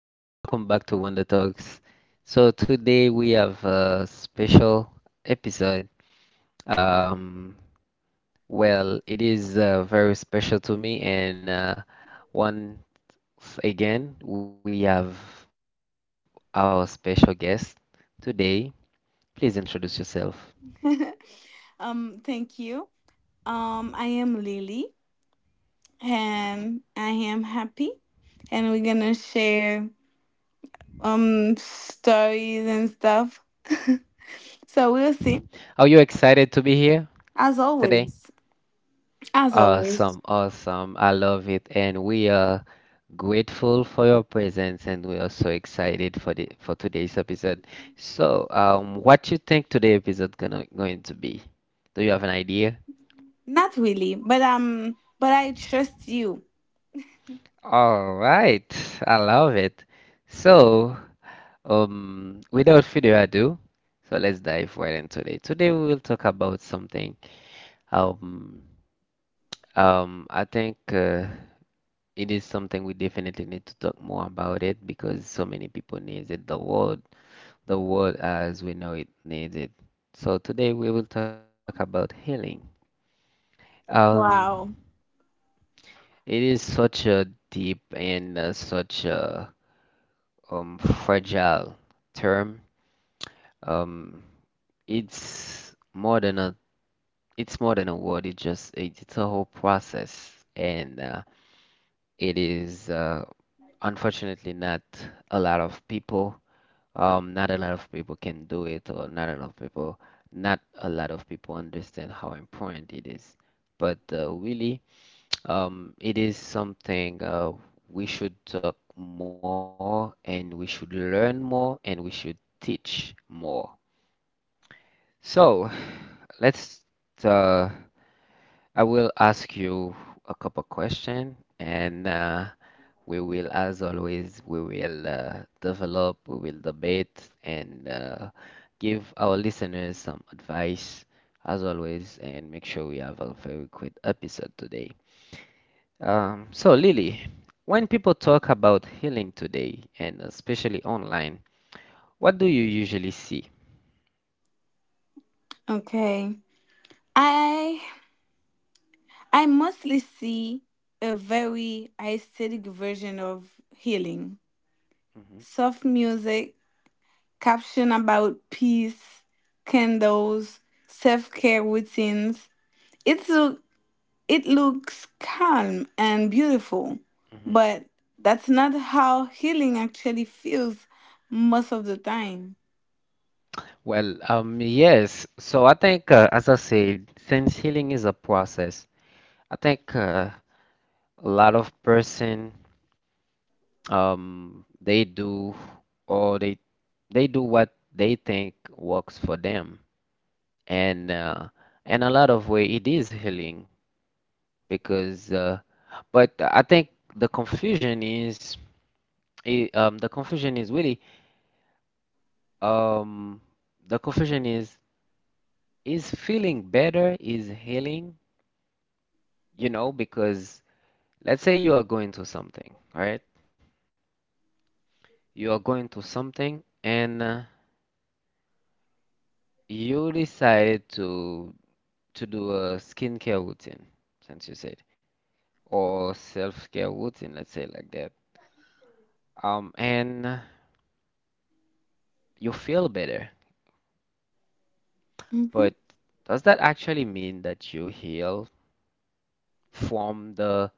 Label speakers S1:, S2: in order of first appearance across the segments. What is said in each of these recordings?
S1: welcome back to Wonder Talks. So today we have a special episode. Um, well, it is very special to me, and once again we have our special guest today. Please introduce yourself.
S2: thank you. I am Lily, and I am happy, and we're gonna share stories and stuff. So we'll see.
S1: Are you excited to be here
S2: As
S1: today?
S2: always, as always,
S1: Awesome, awesome. I love it, and we are grateful for your presence, and we are so excited for the for today's episode. So, what you think today episode gonna going to be? Do you have an idea?
S2: not really, but I trust you.
S1: All right, I love it. So, without further ado, so let's dive right into it. Today we will talk about something. Um, I think it is something we definitely need to talk more about it because so many people needs it. The world as we know it needs it. So today we will talk about healing. Um,
S2: Wow.
S1: it is such a deep and such a fragile term. Um, it's more than a it's more than a word. It just it's a whole process, and it is unfortunately not a lot of people not a lot of people can do it, or not a lot of people, not a lot of people understand how important it is. But really, it is something we should talk more, and we should learn more, and we should teach more. So, let's. Uh, I will ask you a couple questions, and we will, as always, we will develop, we will debate, and give our listeners some advice, as always, and make sure we have a very good episode today. So, Lily, when people talk about healing today, and especially online, what do you usually see?
S2: Okay. I I mostly see a very aesthetic version of healing,
S1: Mhm,
S2: soft music, caption about peace, candles, self care routines. It's look it looks calm and beautiful,
S1: mhm.
S2: but that's not how healing actually feels most of the time.
S1: Well, yes. So I think, as I said, since healing is a process, I think a lot of person they do or they do what they think works for them. And in a lot of way it is healing because but I think the confusion is I the confusion is really um, the confusion is feeling better is healing, you know, because let's say you are going to something, right? You are going to something and you decide to do a skincare routine, since you said, or self-care routine, let's say like that. And you feel better,
S2: Hmm.
S1: but does that actually mean that you heal from the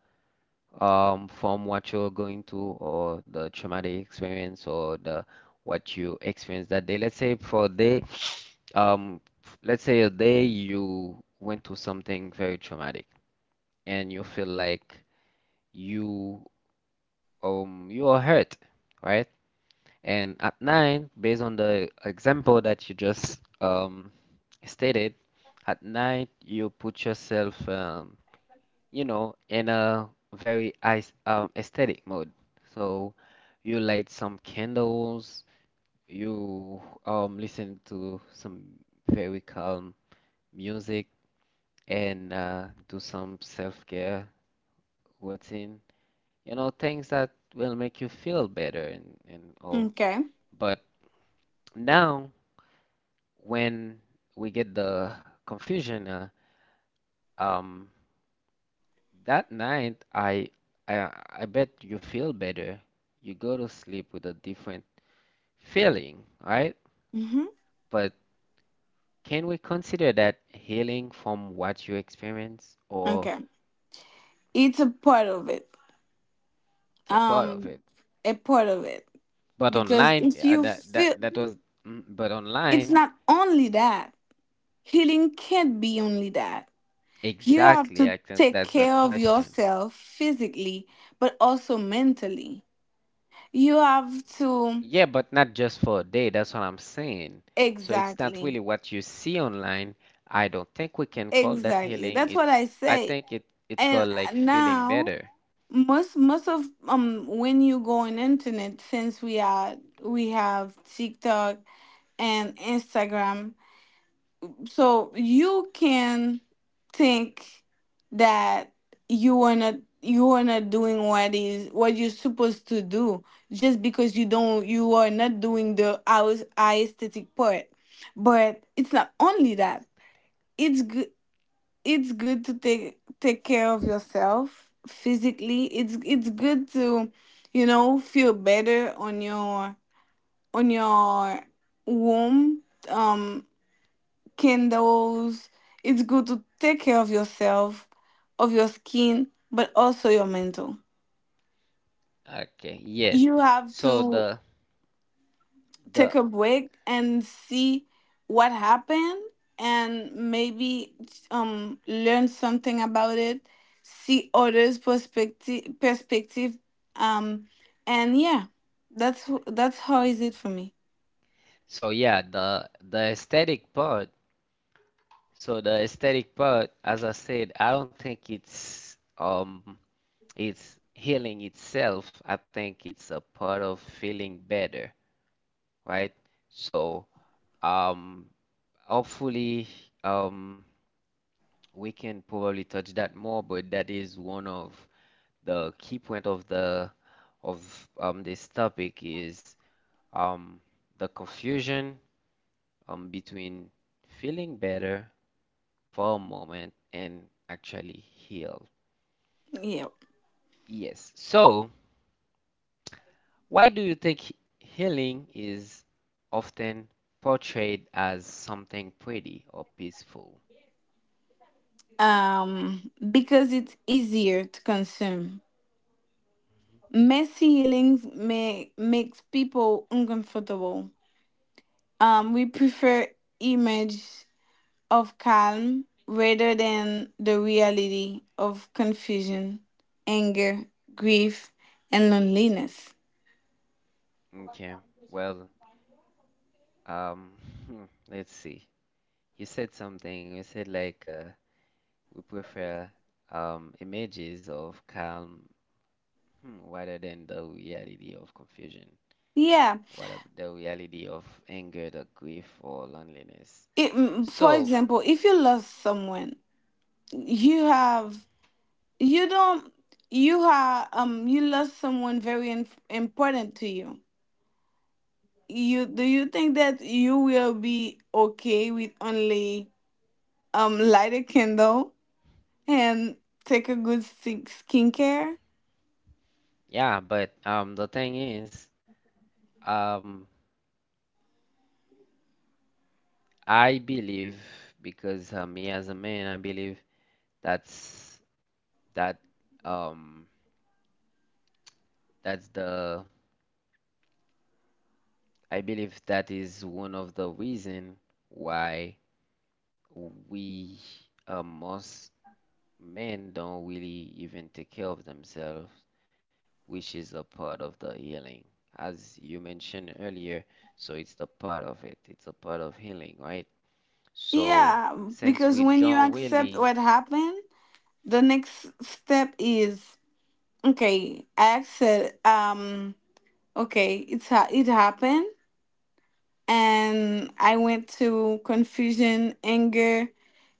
S1: from what you're going through or the traumatic experience or the what you experienced that day? Let's say for a day, um, let's say a day you went through something very traumatic and you feel like you you are hurt, right? And at nine, based on the example that you just stated, at night you put yourself, you know, in a very ice, aesthetic mode. So you light some candles, you listen to some very calm music, and do some self-care routine. You know, things that will make you feel better and all.
S2: Okay.
S1: But now when we get the confusion, um, that night I I bet you feel better. You go to sleep with a different feeling, right?
S2: Hmm.
S1: But can we consider that healing from what you experience, or
S2: Okay. It's a part of it.
S1: it's a part of
S2: Um,
S1: it?
S2: a part of it,
S1: But
S2: because
S1: online,
S2: if
S1: uh,
S2: you
S1: that that
S2: feel,
S1: that was, mm, but
S2: it's
S1: online,
S2: not only that. Healing can't be only that. You have
S1: exactly.
S2: to
S1: I think
S2: take
S1: that's the
S2: care of
S1: question.
S2: yourself physically, but also mentally. You have to,
S1: Yeah, but not just for a day. That's what I'm saying. So it's not
S2: exactly,
S1: really what you see online. I don't think we can call that
S2: exactly.
S1: healing.
S2: That's
S1: It,
S2: what I
S1: I
S2: say.
S1: think it's
S2: And
S1: called like feeling
S2: now,
S1: better.
S2: most of, when you go on internet, since we have TikTok and Instagram, so you can think that you are not you are not doing what you're supposed to do, just because you are not doing the aesthetic part. But it's not only that it's good it's good to take care of yourself physically. It's good to, feel better on your womb. Um candles. It's good to take care of yourself, of your skin, but also your mental.
S1: Okay, yes.
S2: You have
S1: So
S2: to take
S1: the
S2: a break and see what happened, and maybe learn something about it, see others' perspective, um and yeah, that's how is it for me.
S1: so yeah, the aesthetic part. So the aesthetic part, as I said, I don't think it's healing itself. I think it's a part of feeling better, right? So um hopefully, um, we can probably touch that more, but that is one of the key point of the of this topic is um, the confusion between feeling better for a moment and actually heal.
S2: Yeah.
S1: Yes. So, why do you think healing is often portrayed as something pretty or peaceful?
S2: Because it's easier to consume. Messy healings may makes people uncomfortable.
S1: Mhm.
S2: We prefer image of calm rather than the reality of confusion, anger, grief, and loneliness.
S1: Okay. Well, Um, hmm, let's see. You said something. You said like we prefer images of calm hmm, rather than the reality of confusion,
S2: Yeah,
S1: the reality of anger, the grief, or loneliness.
S2: for
S1: So
S2: example, if you lost someone, you have you don't you have you lost someone very, important to you. You do you think that you will be okay with only, light a candle and take a good skincare?
S1: yeah, but the thing is, um, I believe because me as a man, I believe that's that um that's the I believe that is one of the reason why we most men don't really even take care of themselves, which is a part of the healing. As you mentioned earlier, so it's the part of it. It's a part of healing, right? So
S2: Yeah,
S1: since we
S2: because when you
S1: don't
S2: accept
S1: really,
S2: what happened, the next step is okay. I accept, okay, it happened, and I went to confusion, anger,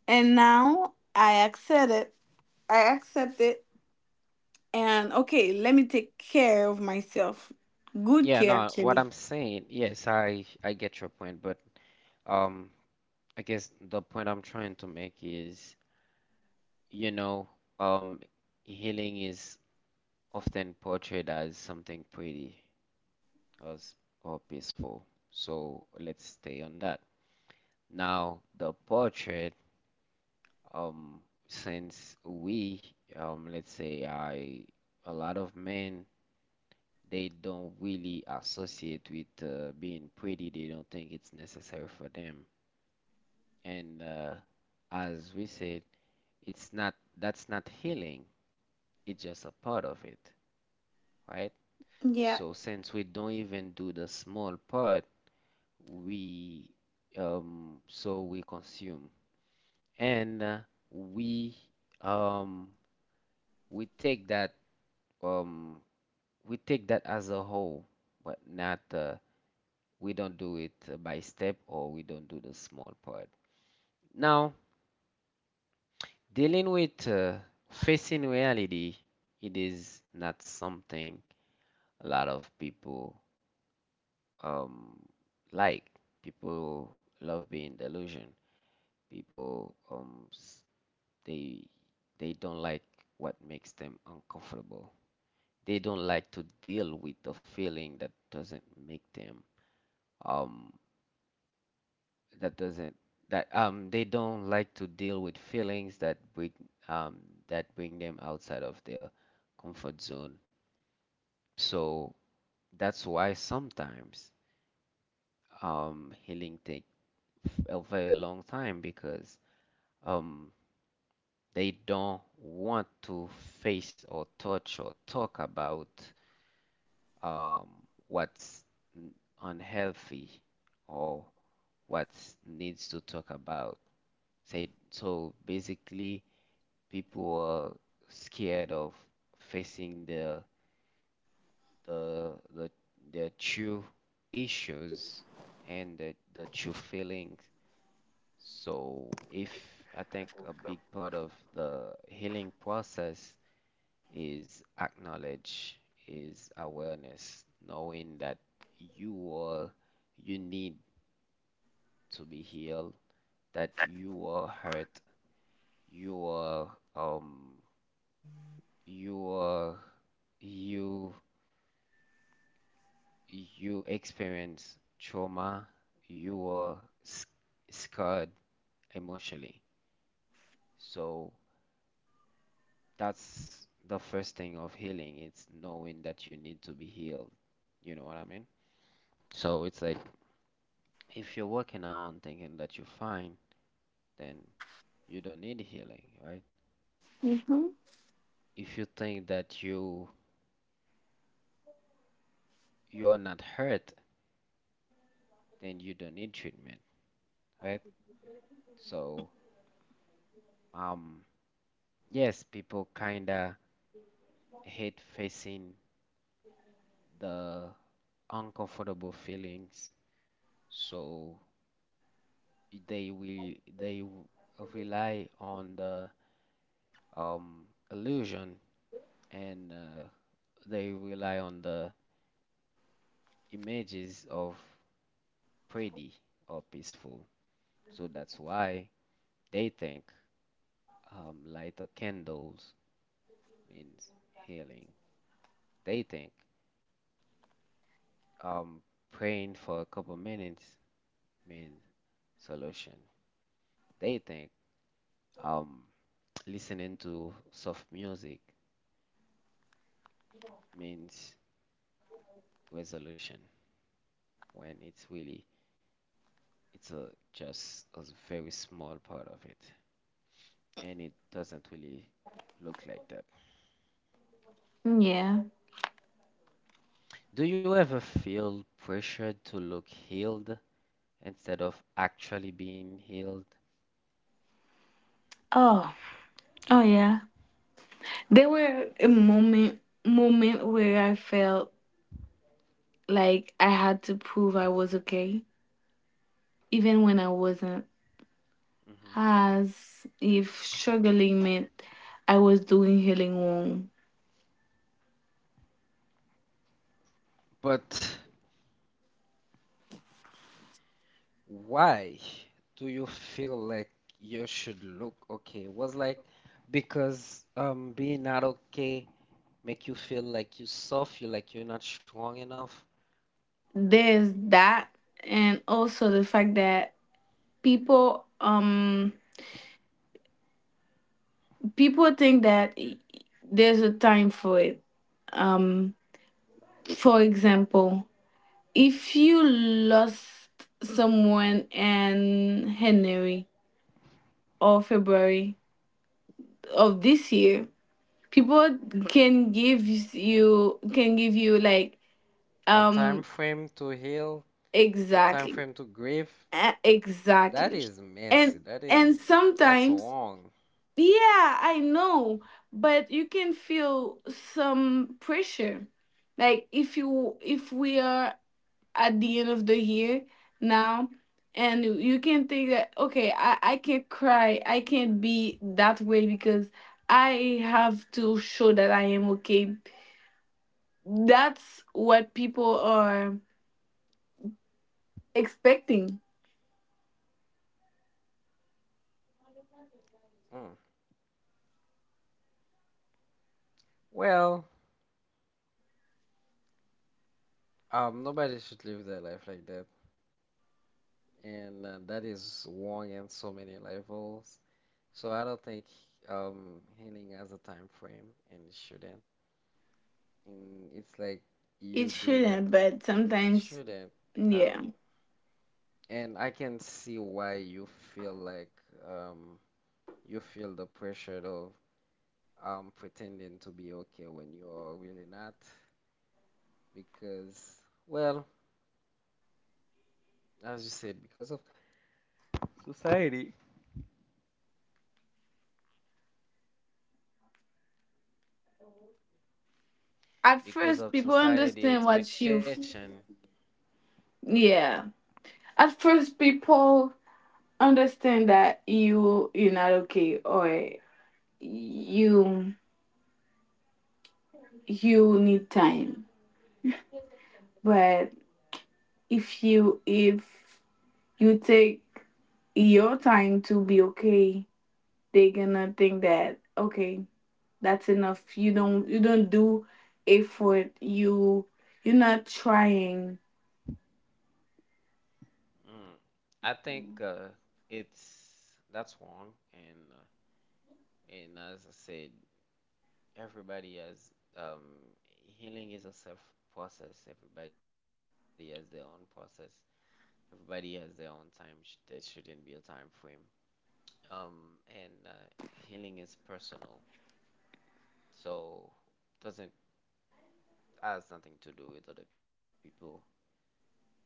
S2: and now I accept it. And okay, let me take care of myself, good
S1: yeah,
S2: care
S1: no, what
S2: actually.
S1: I'm saying, yes, I get your point, but um, I guess the point I'm trying to make is, you know, um, healing is often portrayed as something pretty us or peaceful. So let's stay on that. Now, the portrait, um, since we, let's say I, a lot of men, they don't really associate with being pretty. They don't think it's necessary for them. And as we said, it's not, that's not healing. It's just a part of it, right?
S2: Yeah.
S1: So since we don't even do the small part, we so we consume and we um we take that um as a whole but not we don't do it by step or we don't do the small part now dealing with facing reality it is not something a lot of people um like people love being delusion people um s- they don't like what makes them uncomfortable. They don't like to deal with the feeling that doesn't make them um that doesn't that they don't like to deal with feelings um that bring them outside of their comfort zone. So that's why sometimes healing take a very long time because um they don't want to face or touch or talk about um, what's n- unhealthy or what needs to talk about. Say, so basically, people are scared of facing the their true issues and the true feelings. So if I think a big part of the healing process is acknowledge, is awareness, knowing that you are, you need to be healed, that you are hurt, you are, um, you are, you, you experience trauma, you are sc- scarred emotionally. So that's the first thing of healing. It's knowing that you need to be healed. You know what I mean? So it's like if you're working on thinking that you're fine, then you don't need healing, right?
S2: Hmm.
S1: If you think that you're not hurt, then you don't need treatment, right? So, um, yes, people kinda hate facing the uncomfortable feelings, so they will they w- rely on the um illusion and they rely on the images of pretty or peaceful. So that's why they think light of candles means healing. They think um, praying for a couple minutes means solution. They think um, listening to soft music means resolution when it's really it's a just a very small part of it and it doesn't really look like that.
S2: Yeah.
S1: Do you ever feel pressured to look healed instead of actually being healed?
S2: Oh. Oh yeah. There were a moment where I felt like I had to prove I was okay, even when I wasn't.
S1: Mhm.
S2: As if struggling meant I was doing healing wrong.
S1: But why do you feel like you should look okay? Was like because being not okay make you feel like you soft, you like you're not strong enough.
S2: There's that, and also the fact that people um people think that there's a time for it. Um for example, if you lost someone and Henry or February of this year, people can give you, like,
S1: A time
S2: um
S1: frame to heal, a time
S2: exactly.
S1: frame to grieve. That
S2: Exactly.
S1: is
S2: and
S1: messy.
S2: and
S1: That's
S2: sometimes,
S1: wrong.
S2: yeah, I know, but you can feel some pressure. Like, if you if we are at the end of the year now, and you can think that okay, I can't cry, I can't be that way, because I have to show that I am okay. That's what people are expecting.
S1: Mm. Well, nobody should live their life like that. And that is wrong in so many levels. So I don't think healing has a time frame and it shouldn't. And it's like
S2: It
S1: you do that
S2: shouldn't,
S1: though.
S2: but
S1: It
S2: sometimes.
S1: shouldn't.
S2: Yeah.
S1: Um and I can see why you feel like um you feel the pressure of pretending to be okay when you're really not because well, as you said, because of society.
S2: at
S1: Because
S2: first
S1: of
S2: people
S1: society
S2: understand what you f-
S1: expectation.
S2: Yeah. At first, people understand that you're not okay, or you you need time. But if you take your time to be okay, they're gonna think that okay, that's enough. You don't do effort. You're not trying.
S1: Mm, I think it's that's wrong, and as I said, everybody has um, healing is a self process. Everybody has their own process. Everybody has their own time. There shouldn't be a time frame. And healing is personal, so doesn't has nothing to do with other people. Um,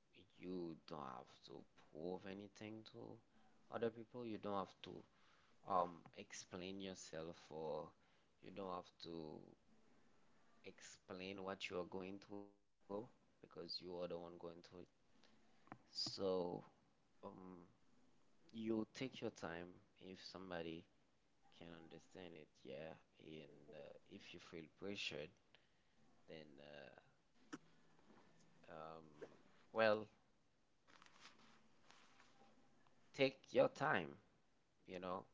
S1: you don't have to prove anything to other people. You don't have to um explain yourself or you don't have to explain what you are going through because you are the one going through it. So, um, you take your time if somebody can understand it, yeah. And If you feel pressured, then uh, um, well, take your time, you know,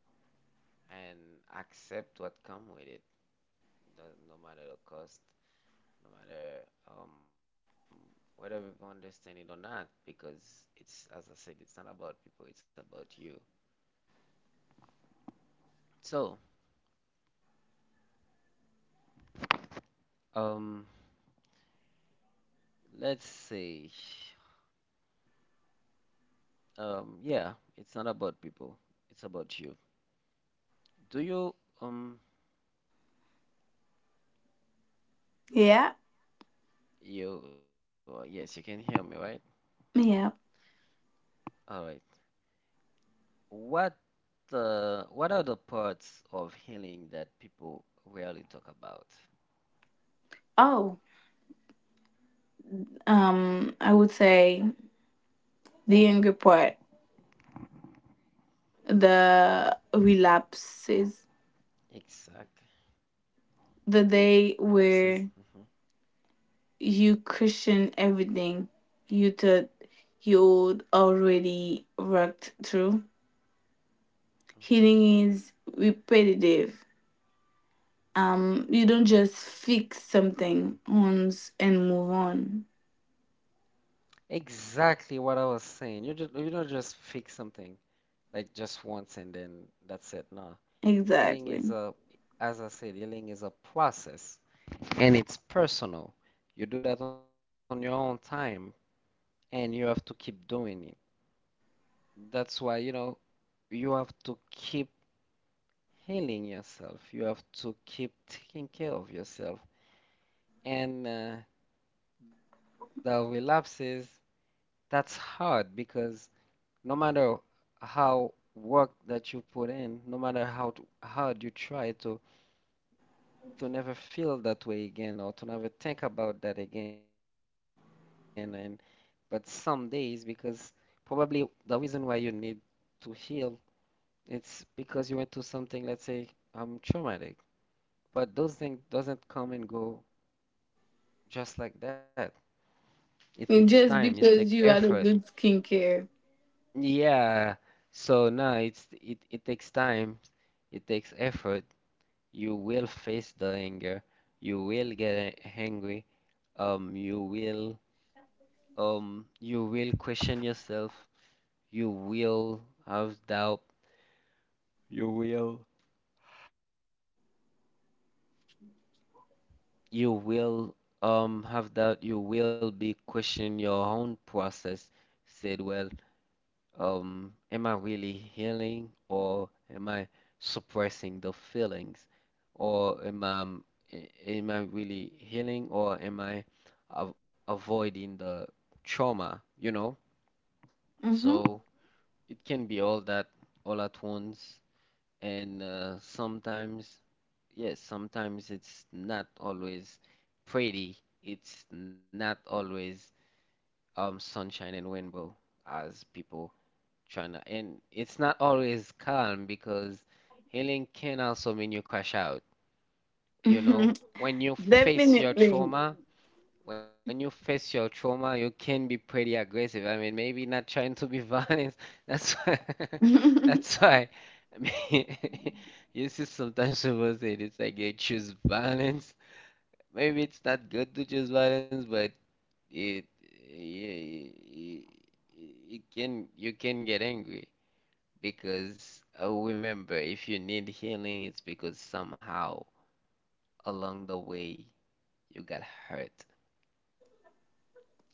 S1: and accept what come with it, no matter the cost, no matter um, whether people understand it or not, because it's, as I said, it's not about people, it's about you. So, Um, let's see. Yeah, it's not about people. It's about you. Do you um
S2: Yeah,
S1: you yes, you can hear me, right?
S2: yeah.
S1: All right. What what are the parts of healing that people rarely talk about?
S2: Oh, I would say the anger part, the
S1: Exactly.
S2: relapses,
S1: Relapses. hmm
S2: the day where you cushion everything you thought you'd already worked through.
S1: hmm
S2: Healing is repetitive. You don't just fix something once and move on.
S1: Exactly what I was saying. You don't just fix something like just once and then that's it. No. Healing is
S2: Exactly.
S1: a, as I said, healing is a process. And it's personal. You do that on your own time and you have to keep doing it. That's why, you know, you have to keep healing yourself. You have to keep taking care of yourself. And the relapses, that's hard because no matter how work that you put in, no matter how hard you try to never feel that way again or to never think about that again. And but some days, because probably the reason why you need to heal, it's because you went through something, let's say, traumatic. But those things doesn't come and go just like that. It takes
S2: And just
S1: time. It takes
S2: because you had a
S1: effort.
S2: good skincare.
S1: Yeah. So no, it takes time. It takes effort. You will face the anger. You will get a- angry. Um, you will you will question yourself. You will have doubt. You will. You will have that you will be questioning your own process. Said, well, am I really healing or am I suppressing the feelings? Or am I really healing or am I av avoiding the trauma, you know?
S2: Mm-hmm.
S1: So it can be all that all at once. And sometimes, yes, sometimes it's not always pretty. It's not always sunshine and rainbow as people trying to. And it's not always calm because healing can also mean you crash out. You
S2: Hmm.
S1: know, when you face your
S2: Definitely.
S1: trauma, you can be pretty aggressive. I mean, maybe not trying to be violent. That's why, that's why. I mean, you see, sometimes people say it's like they choose violence. Maybe it's not good to choose violence, but it, it, it can you can get angry because oh, remember, if you need healing, it's because somehow along the way you got hurt.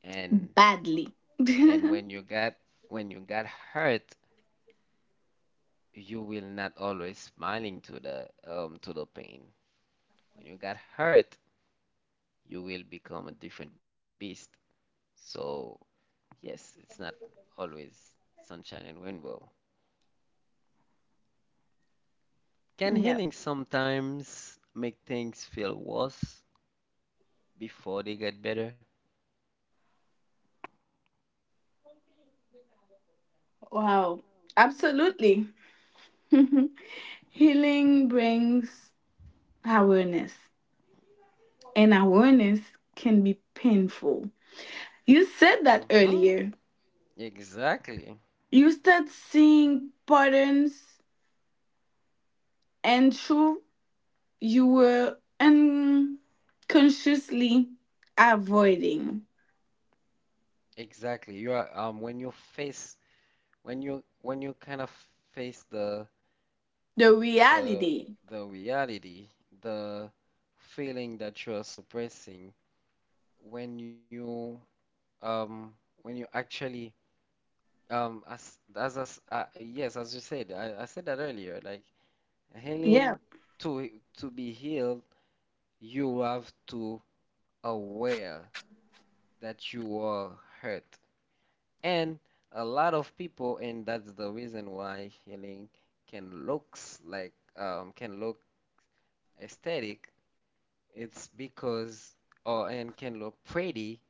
S1: And
S2: Badly.
S1: And
S2: Yeah.
S1: when you got when you got hurt, you will not always smiling to the pain. When you got hurt, you will become a different beast. So yes, it's not always sunshine and rainbow. Can healing sometimes make things feel worse before they get better?
S2: Wow. Absolutely. Healing brings awareness, and awareness can be painful. You said
S1: Mm-hmm.
S2: that earlier.
S1: Exactly.
S2: You start seeing patterns and truth you were unconsciously avoiding.
S1: Exactly. You are when you face when you kind of face
S2: The
S1: the
S2: reality.
S1: the reality, the feeling that you are suppressing when you um when you actually as yes as you said I said that earlier like
S2: Yeah.
S1: healing to be healed you have to aware that you are hurt. And a lot of people, and that's the reason why healing can looks like can look aesthetic. It's because, oh, and can look pretty,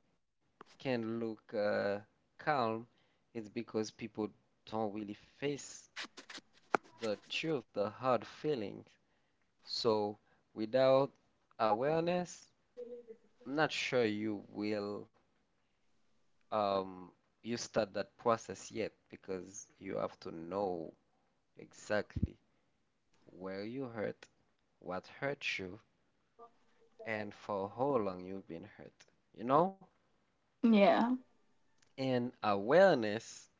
S1: can look calm. It's because people don't really face the truth, the hard feelings. So without awareness, I'm not sure you will um you start that process yet because you have to know exactly where you hurt, what hurt you, and for how long you've been hurt, you know?
S2: Yeah.
S1: And awareness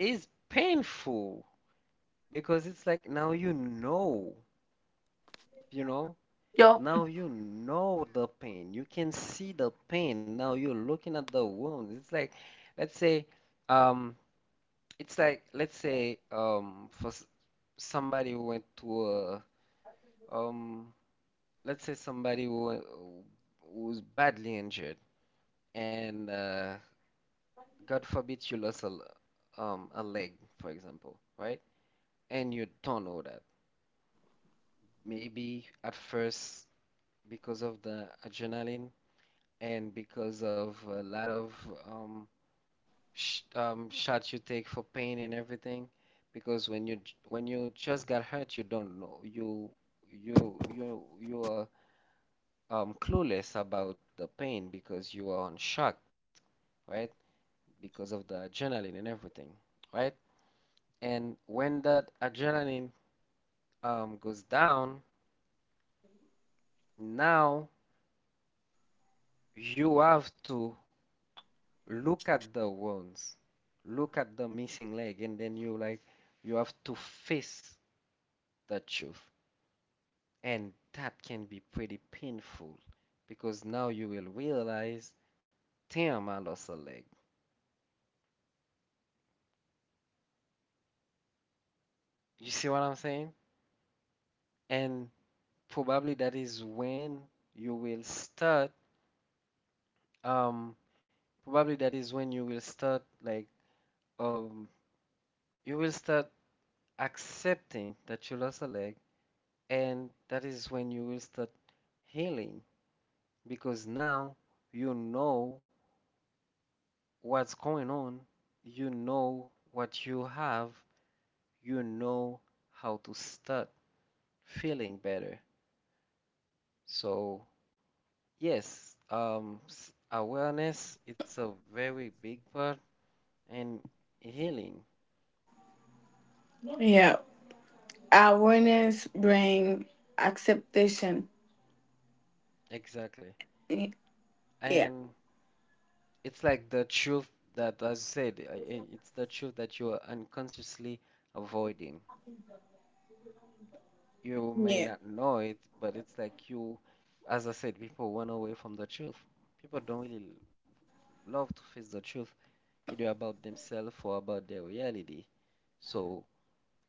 S1: is painful because it's like now you know,
S2: Yep.
S1: now you know the pain. You can see the pain. Now you're looking at the wounds. It's like, let's say, um, it's like, let's say, somebody who went to a, um, let's say somebody who was badly injured, and God forbid you lost a, a leg, for example, right? And you don't know that. Maybe at first, because of the adrenaline and because of a lot of um, sh shots you take for pain and everything. Because when you just got hurt, you don't know. You are clueless about the pain because you are on shock, right? Because of the adrenaline and everything, right? And when that adrenaline goes down, now you have to look at the wounds, look at the missing leg, and then you like you have to face the truth. And that can be pretty painful because now you will realize, damn, I lost a leg. You see what I'm saying? And probably that is when you will start, um, probably that is when you will start like, um, you will start accepting that you lost a leg, and that is when you will start healing because now you know what's going on, you know what you have, you know how to start feeling better. So, yes, awareness it's a very big part and healing,
S2: Yeah. Awareness bring acceptation.
S1: exactly.
S2: Y- yeah.
S1: And it's like the truth that, as I said, it's the truth that you are unconsciously avoiding. You may
S2: Yeah.
S1: not know it, but it's like you, as I said, people run away from the truth. People don't really love to face the truth, either about themselves or about their reality. So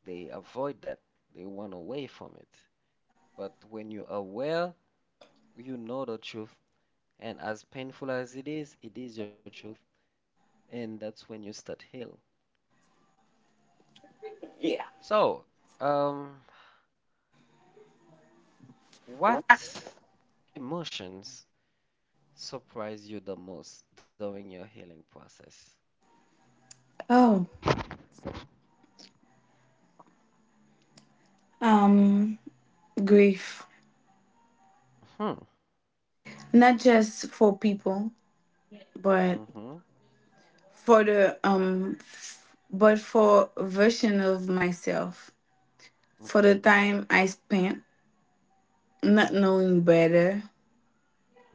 S1: they avoid that. They run away from it. But when you're aware, you know the truth. And as painful as it is your truth. And that's when you start heal.
S2: Yeah.
S1: So, um, what emotions surprise you the most during your healing process?
S2: Oh, um grief,
S1: Hmm.
S2: not just for people, but
S1: Mm-hmm.
S2: for a version of myself, for the
S1: Okay.
S2: time I spent not knowing better.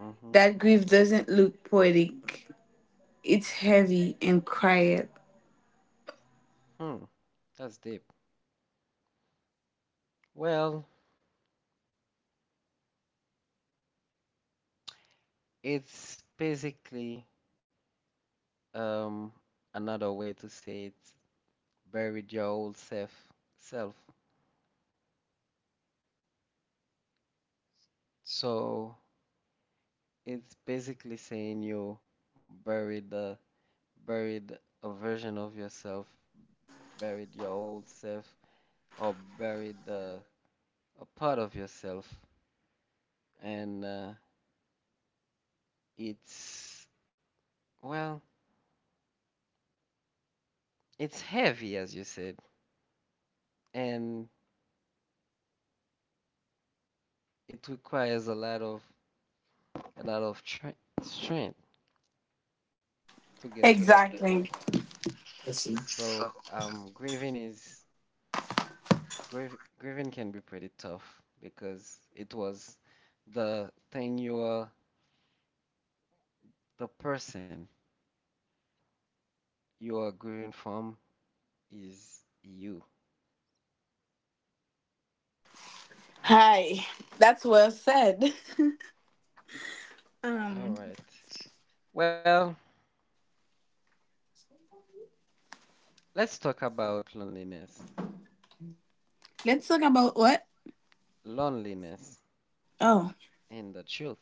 S1: Mm-hmm.
S2: That grief doesn't look poetic, it's heavy and quiet.
S1: Hmm. That's deep. Well, it's basically um another way to say it's buried your old self self. So it's basically saying you buried the buried a version of yourself, buried your old self, or buried the a part of yourself. And it's well, it's heavy as you said, and it requires a lot of strength to get to that point.
S2: Exactly.
S1: So, grieving is grief, grieving can be pretty tough because it was the thing you are, the person you are grieving from is you.
S2: Hi. That's well said.
S1: All
S2: Um,
S1: right. Well, let's talk about loneliness.
S2: let's talk about what?
S1: Loneliness
S2: Oh,
S1: in the truth.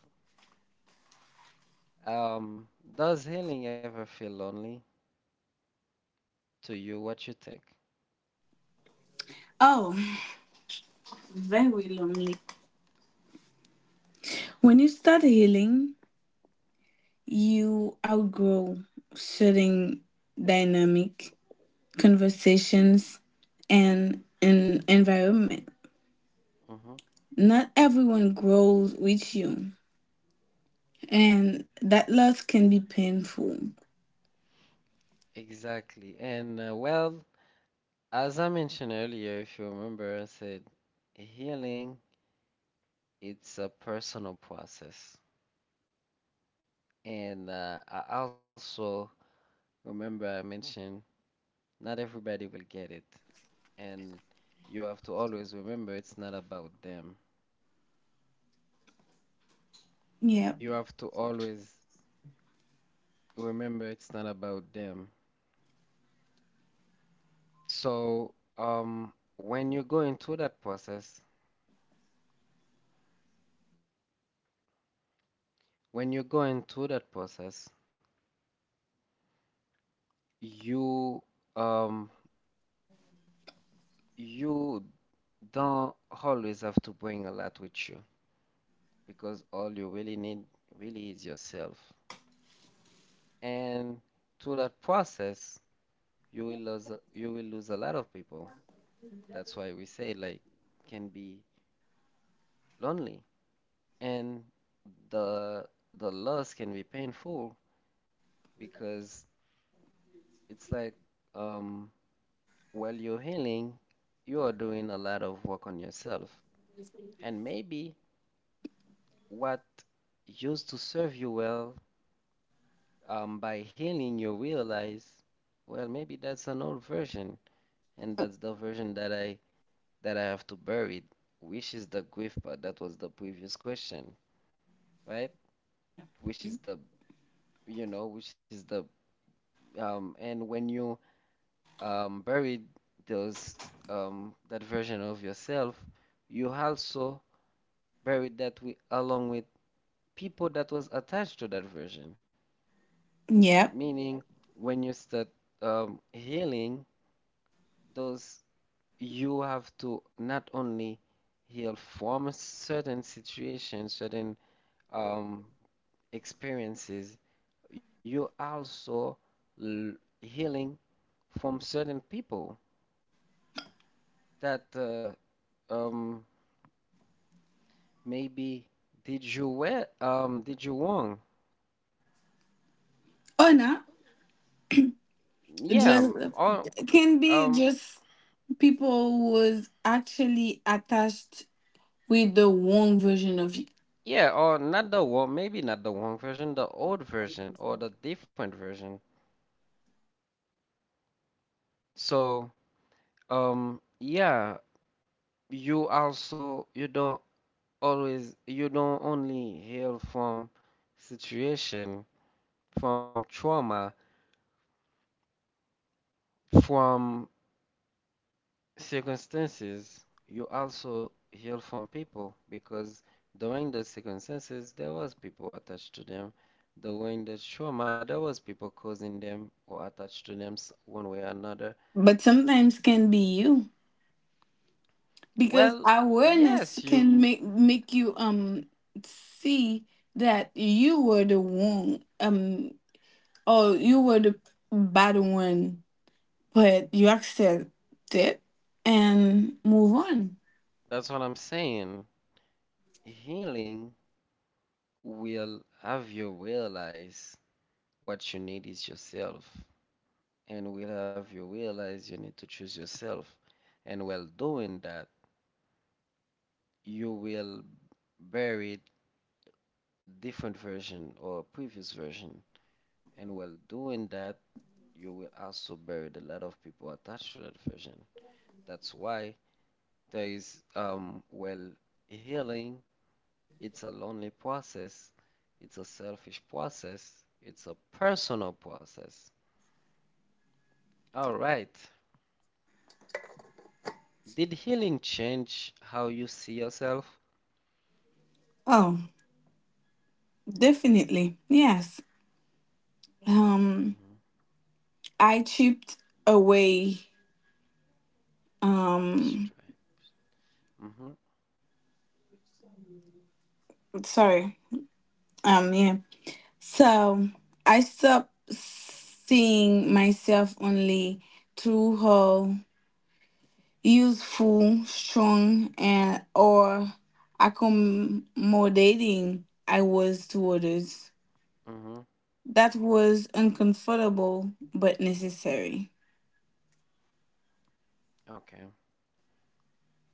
S1: Um, does healing ever feel lonely to you? What you think?
S2: oh, very lonely. When you start healing, you outgrow certain dynamic, conversations, and an environment.
S1: Hmm.
S2: Not everyone grows with you, and that loss can be painful.
S1: Exactly. As I mentioned earlier, if you remember, I said healing it's a personal process. And I also remember I mentioned not everybody will get it. And you have to always remember it's not about them.
S2: Yep.
S1: You have to always remember it's not about them. So, when you go into that process, when you go into that process, you um you don't always have to bring a lot with you because all you really need really is yourself. And through that process, you will lose a lot of people. That's why we say like can be lonely. And the the loss can be painful because it's like um while you're healing, you are doing a lot of work on yourself. And maybe what used to serve you well, by healing, you realize, well, maybe that's an old version, and that's the version that I have to bury, which is the grief part. That was the previous question, right? Which is the, you know, which is the, and when you bury those that version of yourself, you also bury that with along with people that was attached to that version.
S2: Yep.
S1: Meaning, when you start healing those you have to not only heal from certain situations, certain um, experiences, you also l- healing from certain people that um, maybe did you well, did you wrong?
S2: Or not.
S1: Yeah,
S2: Just
S1: or
S2: can be
S1: um,
S2: just people was actually attached with the wrong version of you,
S1: yeah, or not the one. Maybe not the wrong version, the old version or the different version. So, yeah, you also you don't always you don't only heal from situation, from trauma, from circumstances, you also heal from people because during the circumstances there was people attached to them. During the trauma there was people causing them or attached to them one way or another.
S2: but sometimes can be you, because
S1: Well,
S2: awareness
S1: yes,
S2: can
S1: you
S2: make you, see that you were the wrong, or you were the bad one, but you accept it and move on.
S1: that's what I'm saying. Healing will have you realize what you need is yourself. And will have you realize you need to choose yourself. And while doing that, you will bury a different version or a previous version. And while doing that, you will also bury a lot of people attached to that version. That's why there is, healing, it's a lonely process, it's a selfish process, it's a personal process. All right. Did healing change how you see yourself?
S2: Oh. Definitely. Yes. Um I chipped away, um
S1: Strength. Mm-hmm.
S2: sorry. Yeah. So I stopped seeing myself only through her useful, strong and or accommodating I was to others.
S1: Hmm.
S2: That was uncomfortable but necessary.
S1: Okay.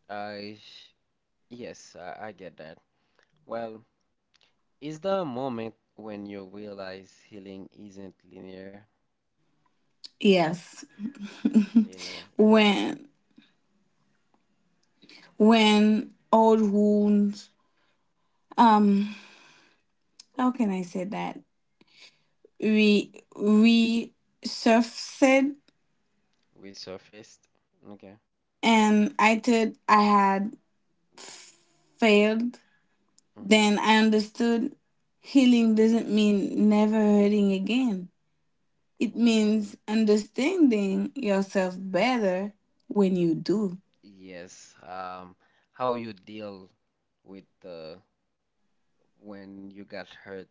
S1: I yes, I get that. Well, is there a moment when you realize healing isn't linear?
S2: Yes.
S1: Linear, yeah.
S2: when when old wounds, um how can I say that, we surfaced,
S1: Resurfaced. Okay.
S2: and I thought I had failed.
S1: Mm-hmm.
S2: Then I understood healing doesn't mean never hurting again. It means
S1: Mm-hmm.
S2: understanding yourself better, when you do.
S1: Yes. How you deal with when you got hurt,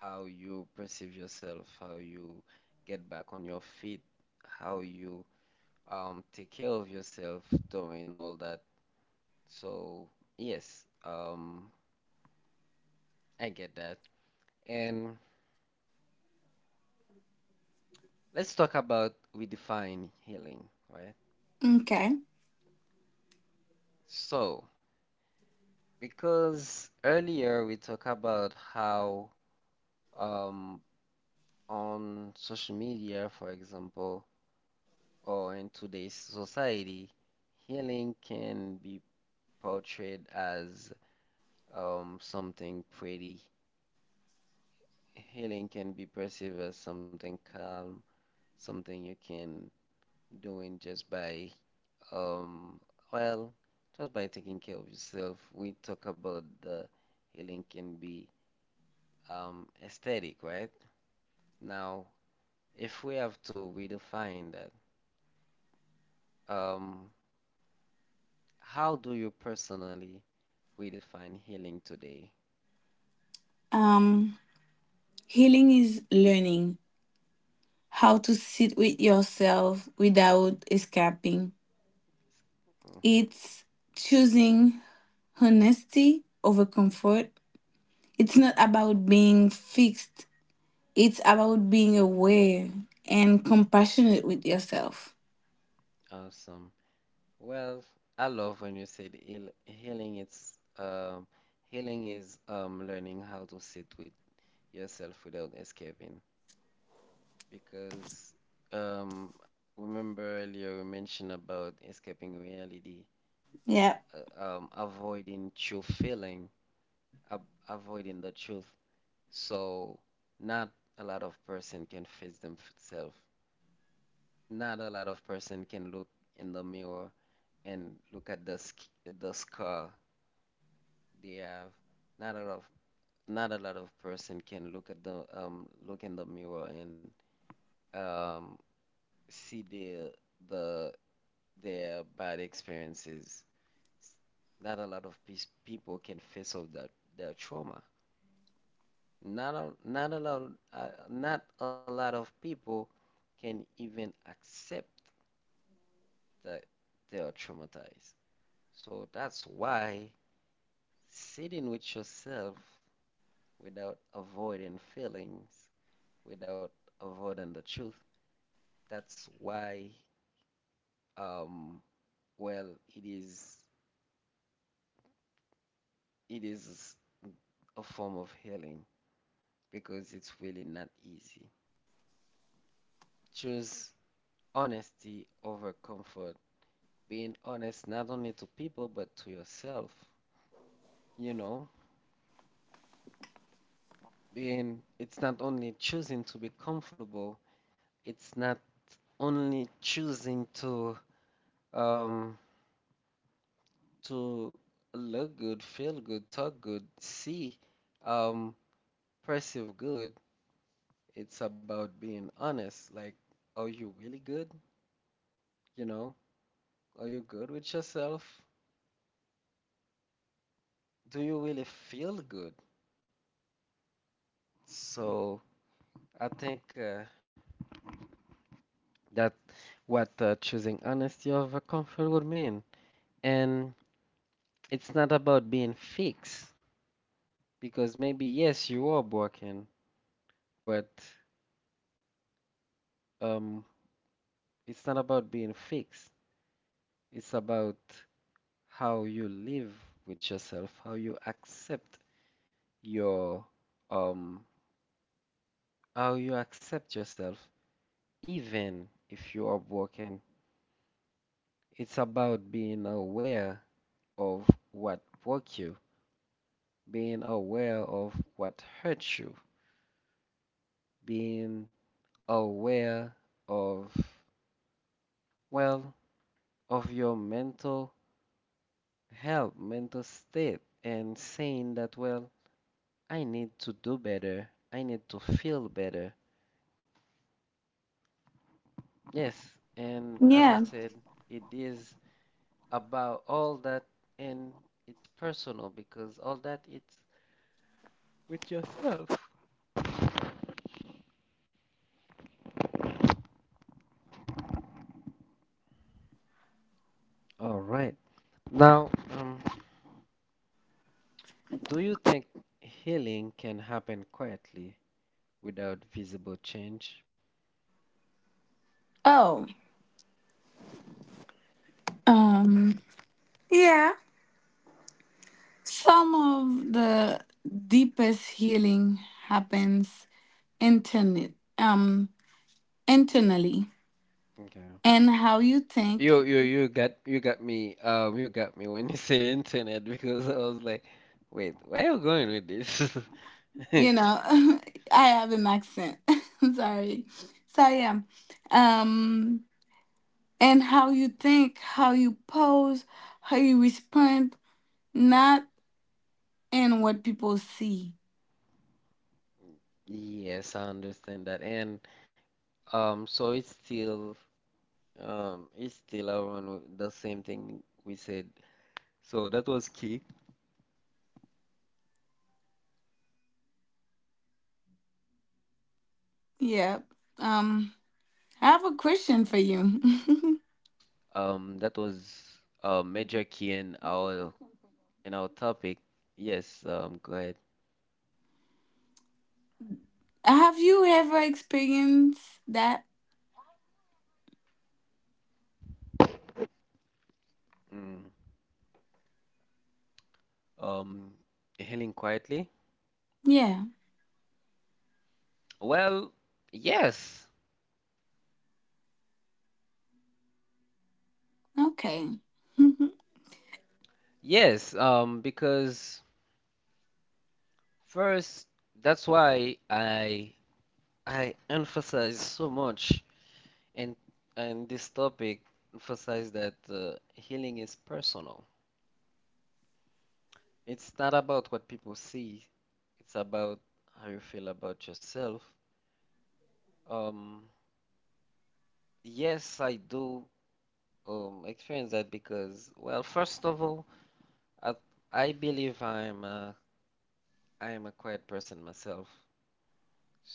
S1: how you perceive yourself, how you get back on your feet, how you take care of yourself during all that. So yes. I get that. And let's talk about we define healing, right?
S2: Okay.
S1: So, because earlier we talked about how um, on social media, for example, or in today's society, healing can be portrayed as something pretty. Healing can be perceived as something calm, something you can do in just by Um, well, just by taking care of yourself, we talk about the healing can be aesthetic, right? Now, if we have to redefine that, um, how do you personally redefine healing today?
S2: um Healing is learning how to sit with yourself without escaping.
S1: Hmm.
S2: It's choosing honesty over comfort. It's not about being fixed, it's about being aware and compassionate with yourself.
S1: Awesome. Well, I love when you said healing. It's healing is learning how to sit with yourself without escaping. Because um, remember earlier we mentioned about escaping reality,
S2: Yeah.
S1: avoiding true feeling, ab avoiding the truth. So not a lot of person can face themselves. Not a lot of person can look in the mirror and look at the sc the scar they have. Not a lot of Not a lot of person can look at the look in the mirror and um see the their bad experiences. Not a lot of people can face off that their trauma. Not a, not a lot not a lot of people can even accept that they are traumatized. So that's why sitting with yourself without avoiding feelings, without avoiding the truth, that's why um well it is it is a form of healing because it's really not easy. Choose honesty over comfort. Being honest not only to people but to yourself. You know, being it's not only choosing to be comfortable, it's not only choosing to um to look good, feel good, talk good, see um perceive good. It's about being honest. Like, are you really good? You know, are you good with yourself? Do you really feel good? So I think that what choosing honesty over comfort would mean. And it's not about being fixed, because maybe yes, you are broken, but um, it's not about being fixed. It's about how you live with yourself, how you accept your um, how you accept yourself, even if you are broken. It's about being aware of what broke you, being aware of what hurt you, being aware of, well, of your mental health, mental state, and saying that, well, I need to do better, I need to feel better. Yes, and as I
S2: Yeah.
S1: said, it is about all that, and it's personal because all that it's with yourself. All right. Now, um, do you think healing can happen quietly without visible change?
S2: Oh. Um yeah. Some of the deepest healing happens internet um internally,
S1: Okay.
S2: and how you think.
S1: You got me you got me when you said internet because I was like, wait, where are you going with this?
S2: you know, I have an accent. Sorry. So, yeah. Um and how you think, how you pose, how you respond, not in what people see.
S1: Yes, I understand that. And so it's still around with the same thing we said. So that was key. That was key.
S2: Yeah.
S1: Um
S2: Um, I have a question for
S1: that
S2: you.
S1: was a major key in our topic, yes, go ahead.
S2: Have you ever experienced that?
S1: Mm, um, healing quietly.
S2: Yeah.
S1: Well, yes,
S2: Okay.
S1: yes, because first, that's why I emphasize so much and this topic emphasize that healing is personal. It's not about what people see. It's about how you feel about yourself. Um, yes, I do experience that because, well, first of all, I, I believe I am a quiet person myself.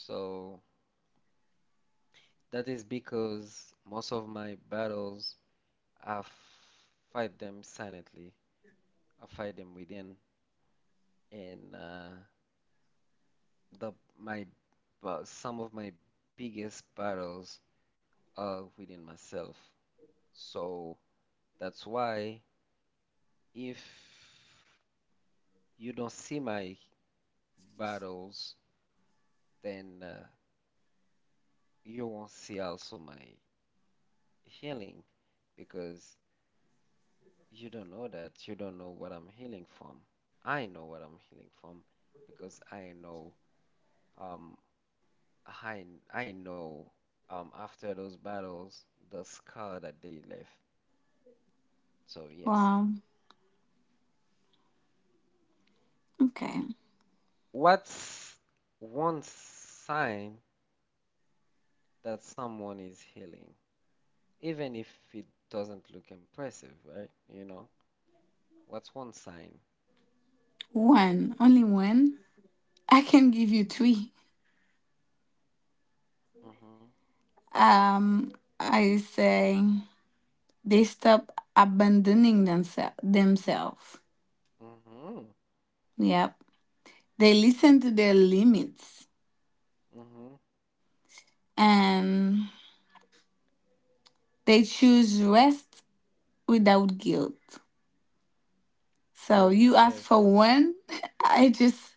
S1: So that is because most of my battles, I f- fight them silently. I fight them within, and the my but some of my biggest battles are within myself. So that's why if you don't see my battles, then you won't see also my healing because you don't know that. You don't know what I'm healing from. I know what I'm healing from because I know um I I know after those battles the scar that they left. So yes.
S2: Wow. Okay.
S1: What's one sign that someone is healing? Even if it doesn't look impressive, right? You know, what's one sign?
S2: One. Only one. I can give you three.
S1: Mm-hmm.
S2: Um, I say they stop abandoning themselves.
S1: Mm-hmm.
S2: Yep. They listen to their limits,
S1: Mm-hmm.
S2: and they choose rest without guilt. So you ask for
S1: Yes.
S2: one, I just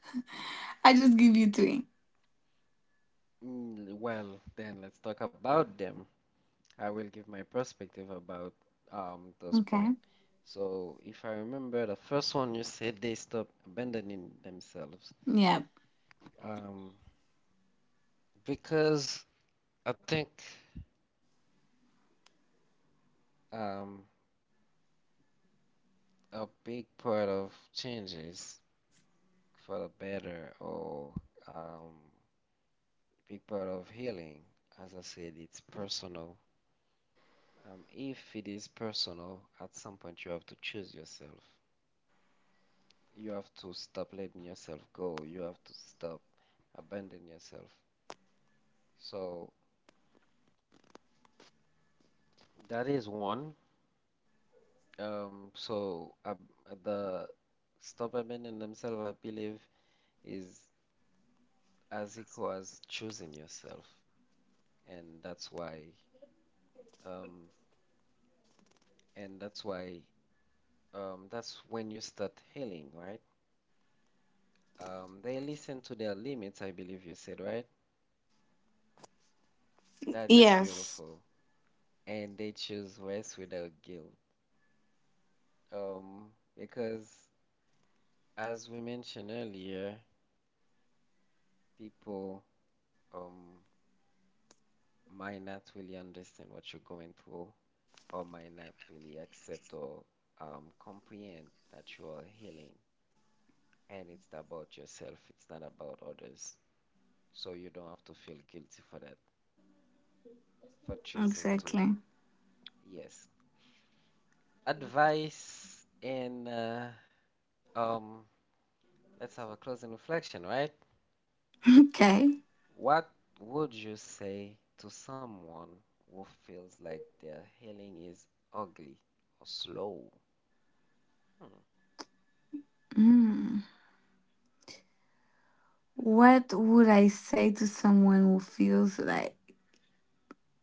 S2: I just give you three.
S1: Mm. Well, then let's talk about them. I will give my perspective about those
S2: Okay.
S1: points. So if I remember the first one you said they stop abandoning themselves.
S2: Yeah.
S1: Um, because I think um a big part of changes for the better or um big part of healing, as I said, it's personal. If it is personal, at some point you have to choose yourself. You have to stop letting yourself go. You have to stop abandoning yourself. So that is one. So ab the stop abandoning themselves, I believe, is as equal as choosing yourself, and um, that's why, that's when you start healing, right? They listen to their limits, I believe you said, right? That is
S2: Yes.
S1: beautiful, and they choose rest without guilt. Um, because as we mentioned earlier, people um might not really understand what you're going through or might not really accept or comprehend that you are healing and it's about yourself, it's not about others. So you don't have to feel guilty for that, for choosing to.
S2: Exactly.
S1: Yes. Advice and um let's have a closing reflection, right?
S2: Okay.
S1: What would you say to someone who feels like their healing is ugly or slow?
S2: Mm. What would I say to someone who feels like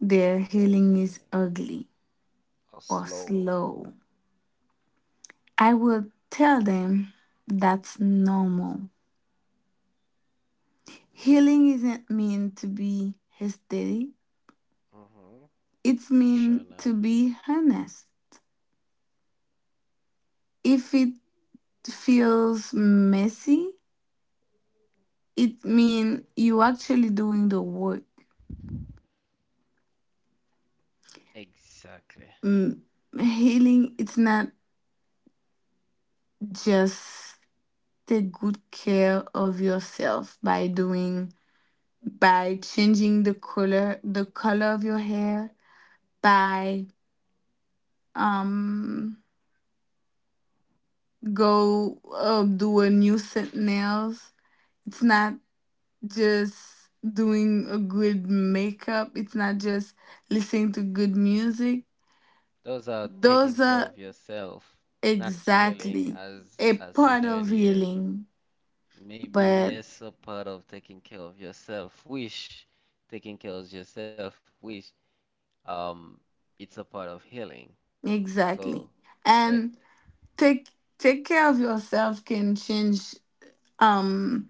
S2: their healing
S1: Their
S2: is
S1: healing
S2: ugly or
S1: or slow.
S2: slow? I will tell them that's normal. Healing isn't meant to be hysteric.
S1: Mm-hmm.
S2: It's mean to
S1: Sure not.
S2: be honest. If it feels messy, it mean you actually doing the work.
S1: Exactly.
S2: Mm, healing it's not just take good care of yourself, by changing the color of your hair, by um go do a new set nails. It's not just doing a good makeup. It's not just listening to good music.
S1: Those are
S2: Those are
S1: taking care of yourself, not
S2: exactly
S1: healing,
S2: a
S1: as
S2: part
S1: I
S2: of
S1: said earlier.
S2: healing, but
S1: Maybe yes, a part of taking care of yourself, which taking care of yourself, which um, it's a part of healing.
S2: exactly.
S1: So,
S2: And
S1: but
S2: take take care of yourself can change, um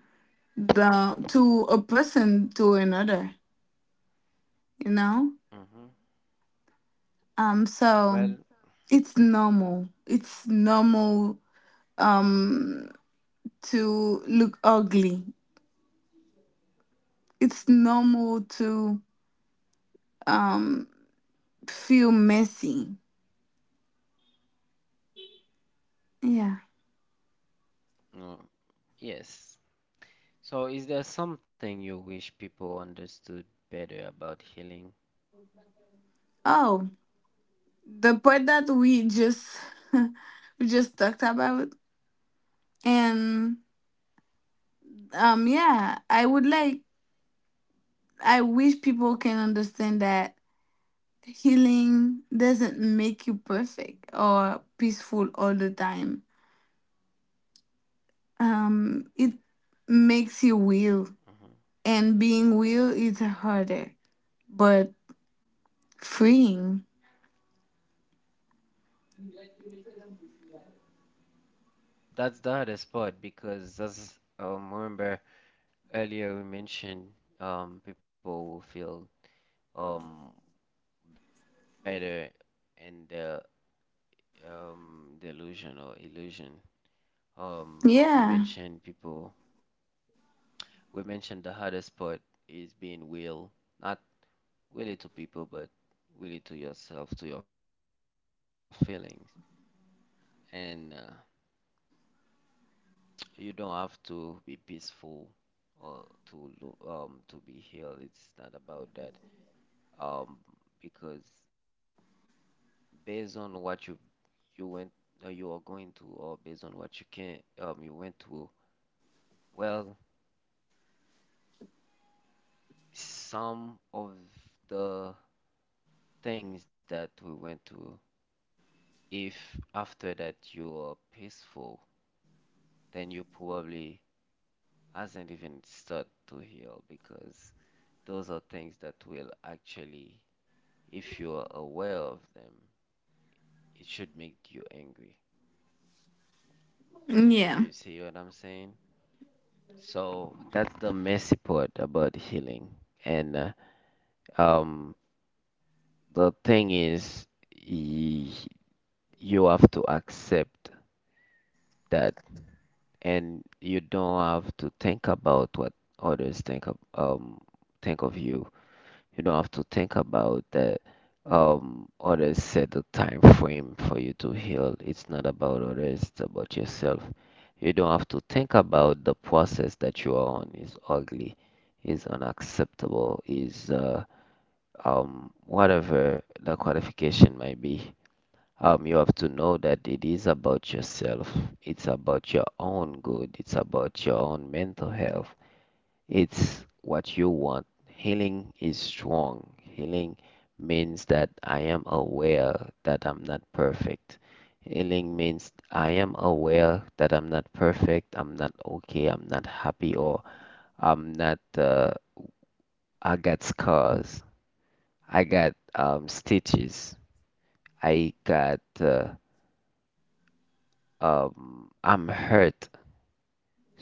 S2: the to a person to another, you know?
S1: mm-hmm.
S2: So
S1: Well,
S2: it's normal. It's normal, um to look ugly. It's normal to, um feel messy. Yeah.
S1: oh, yes. So, is there something you wish people understood better about healing?
S2: Oh, the part that we just we just talked about, and yeah, I would like I wish people can understand that healing doesn't make you perfect or peaceful all the time. It makes you
S1: Hmm.
S2: real, and being real is harder, but freeing.
S1: Exactly. So, that's the hardest part because, as remember earlier we mentioned, people will feel um better in the delusion or illusion. We mentioned people.
S2: Yeah.
S1: We mentioned the hardest part is being real, not really to people, but really to yourself, to your feelings. And you don't have to be peaceful or to be healed. It's not about that. Um, because based on what you went you are going to, or based on what you can you went through, well, some of the things that we went through, if after that you are peaceful, then you probably hasn't even started to heal because those are things that will actually, if you are aware of them, it should make you angry. You see what I'm
S2: Yeah.
S1: saying? So that's the messy part about healing. And um, the thing is, y- you have to accept that, and you don't have to think about what others think of you. You don't have to think about that. Others set the time frame for you to heal. It's not about others, it's about yourself. You don't have to think about the process that you are on is ugly, is unacceptable, is whatever the qualification might be. You have to know that it is about yourself. It's about your own good. It's about your own mental health. It's what you want. Healing is strong. Healing means that I am aware that I'm not perfect. Healing means I am aware that I'm not perfect, I'm not okay, I'm not happy, or I'm not, I got scars, I got stitches, I got, I'm hurt.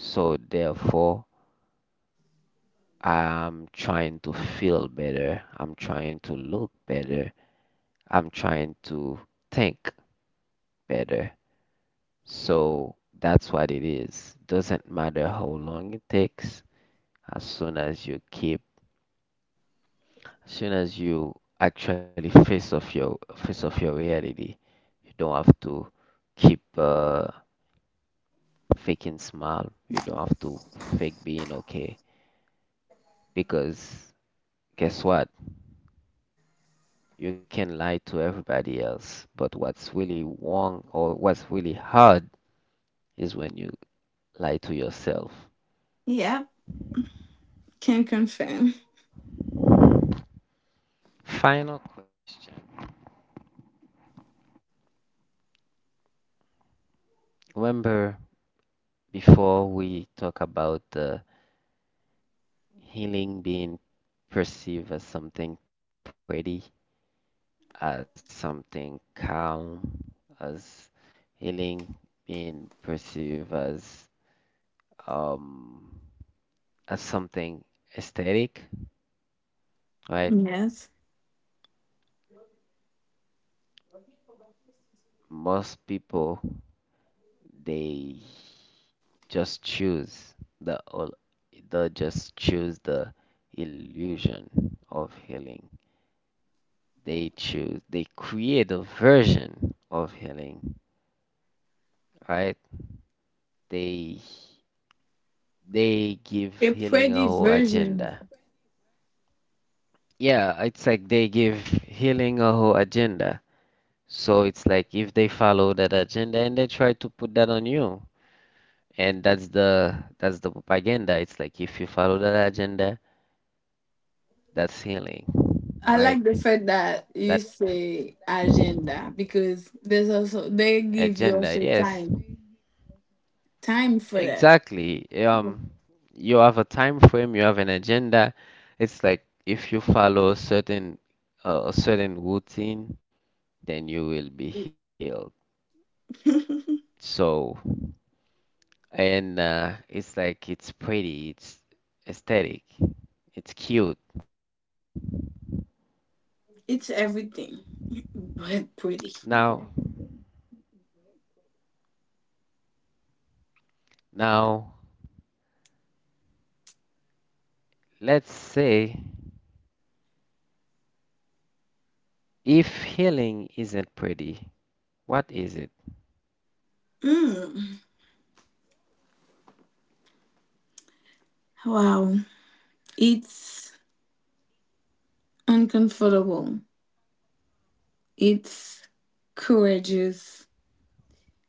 S1: So therefore, I'm trying to feel better, I'm trying to look better. I'm trying to think better. So that's what it is. Doesn't matter how long it takes, as soon as you keep, as soon as you actually face off your reality, you don't have to keep faking smile. You don't have to fake being okay because guess what? You can lie to everybody else, but what's really wrong or what's really hard is when you lie to yourself.
S2: Yeah. Can confirm.
S1: Final question. Remember, before we talk about the healing being perceived as something pretty, as something calm, as healing being perceived um as something aesthetic, right?
S2: Yes.
S1: Most people they just choose the they just choose the illusion of healing. They choose, they create a version of healing, right? They they give
S2: A
S1: healing a
S2: pretty
S1: whole
S2: version.
S1: agenda. Yeah, it's like they give healing a whole agenda. So it's like if they follow that agenda and they try to put that on you, and that's the propaganda. It's like if you follow that agenda, that's healing,
S2: I like the
S1: right?
S2: fact that you
S1: That
S2: say agenda, because there's also they give you
S1: agenda,
S2: also
S1: yes,
S2: time. Time for that.
S1: exactly. You have a time frame, you have an agenda. It's like if you follow a certain routine, then you will be healed. So, and it's like it's pretty, it's aesthetic, it's cute.
S2: It's everything. But pretty.
S1: Now, mhm, now let's say if healing isn't pretty, what is it?
S2: Mm. Wow. It's uncomfortable. It's courageous.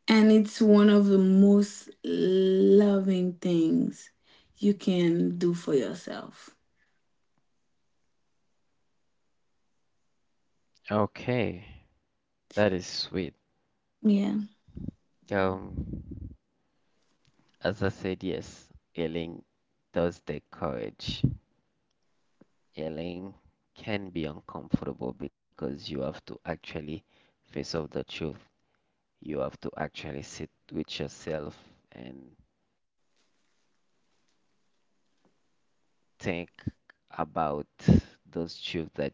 S2: And it's one of the most loving things you can do for yourself.
S1: Okay, that is sweet.
S2: Yeah.
S1: Um, as I said, yes, healing does take courage. Yelling can be uncomfortable because you have to actually face off the truth. You have to actually sit with yourself and think about those truths that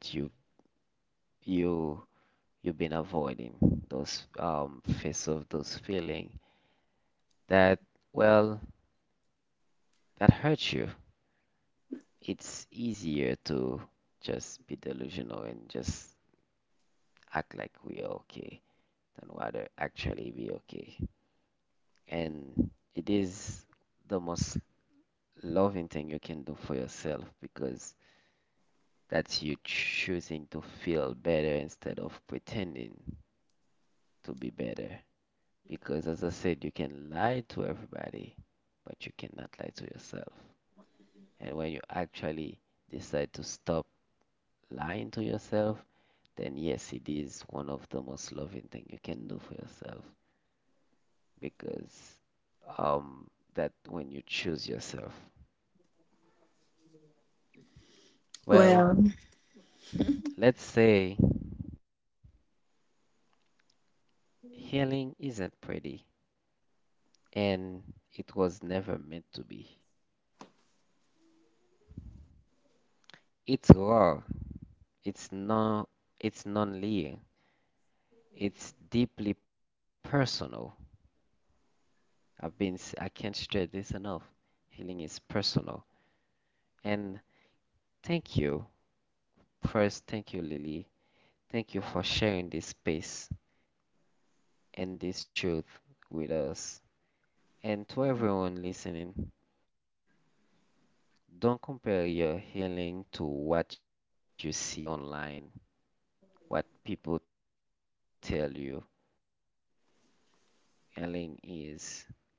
S1: you you've been avoiding. Those face off those feeling that well that hurt you. It's easier to just be delusional and just act like we're okay than rather actually be okay. And it is the most loving thing you can do for yourself because that's you choosing to feel better instead of pretending to be better. Because as I said, you can lie to everybody, but you cannot lie to yourself. And when you actually decide to stop lying to yourself, then yes, it is one of the most loving thing you can do for yourself because um that when you choose yourself.
S2: Well,
S1: Well, let's say healing isn't pretty, and it was never meant to be. It's raw, it's non, it's non-linear, it's deeply personal. I can't stress this enough. Healing is personal. And thank you. First, thank you, Lily. Thank you for sharing this space and this truth with us. And to everyone listening, don't compare your healing to what you see online what people tell you, Ellen, is your process is valid, even when it's quiet,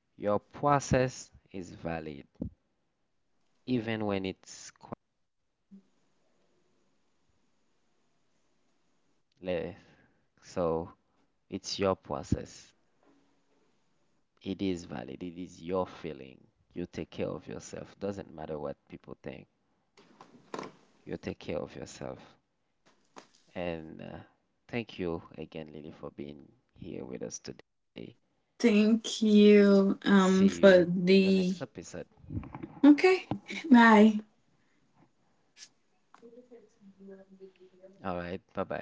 S1: even when it's messy. Le- So it's your process. It is valid. It is your feeling. You take care of yourself. Doesn't matter what people think. You take care of yourself. And thank you again, Lily, for being here with us today.
S2: thank
S1: See
S2: you,
S1: you in the next
S2: for
S1: episode.
S2: the, okay. Bye.
S1: All right. Bye bye, everybody.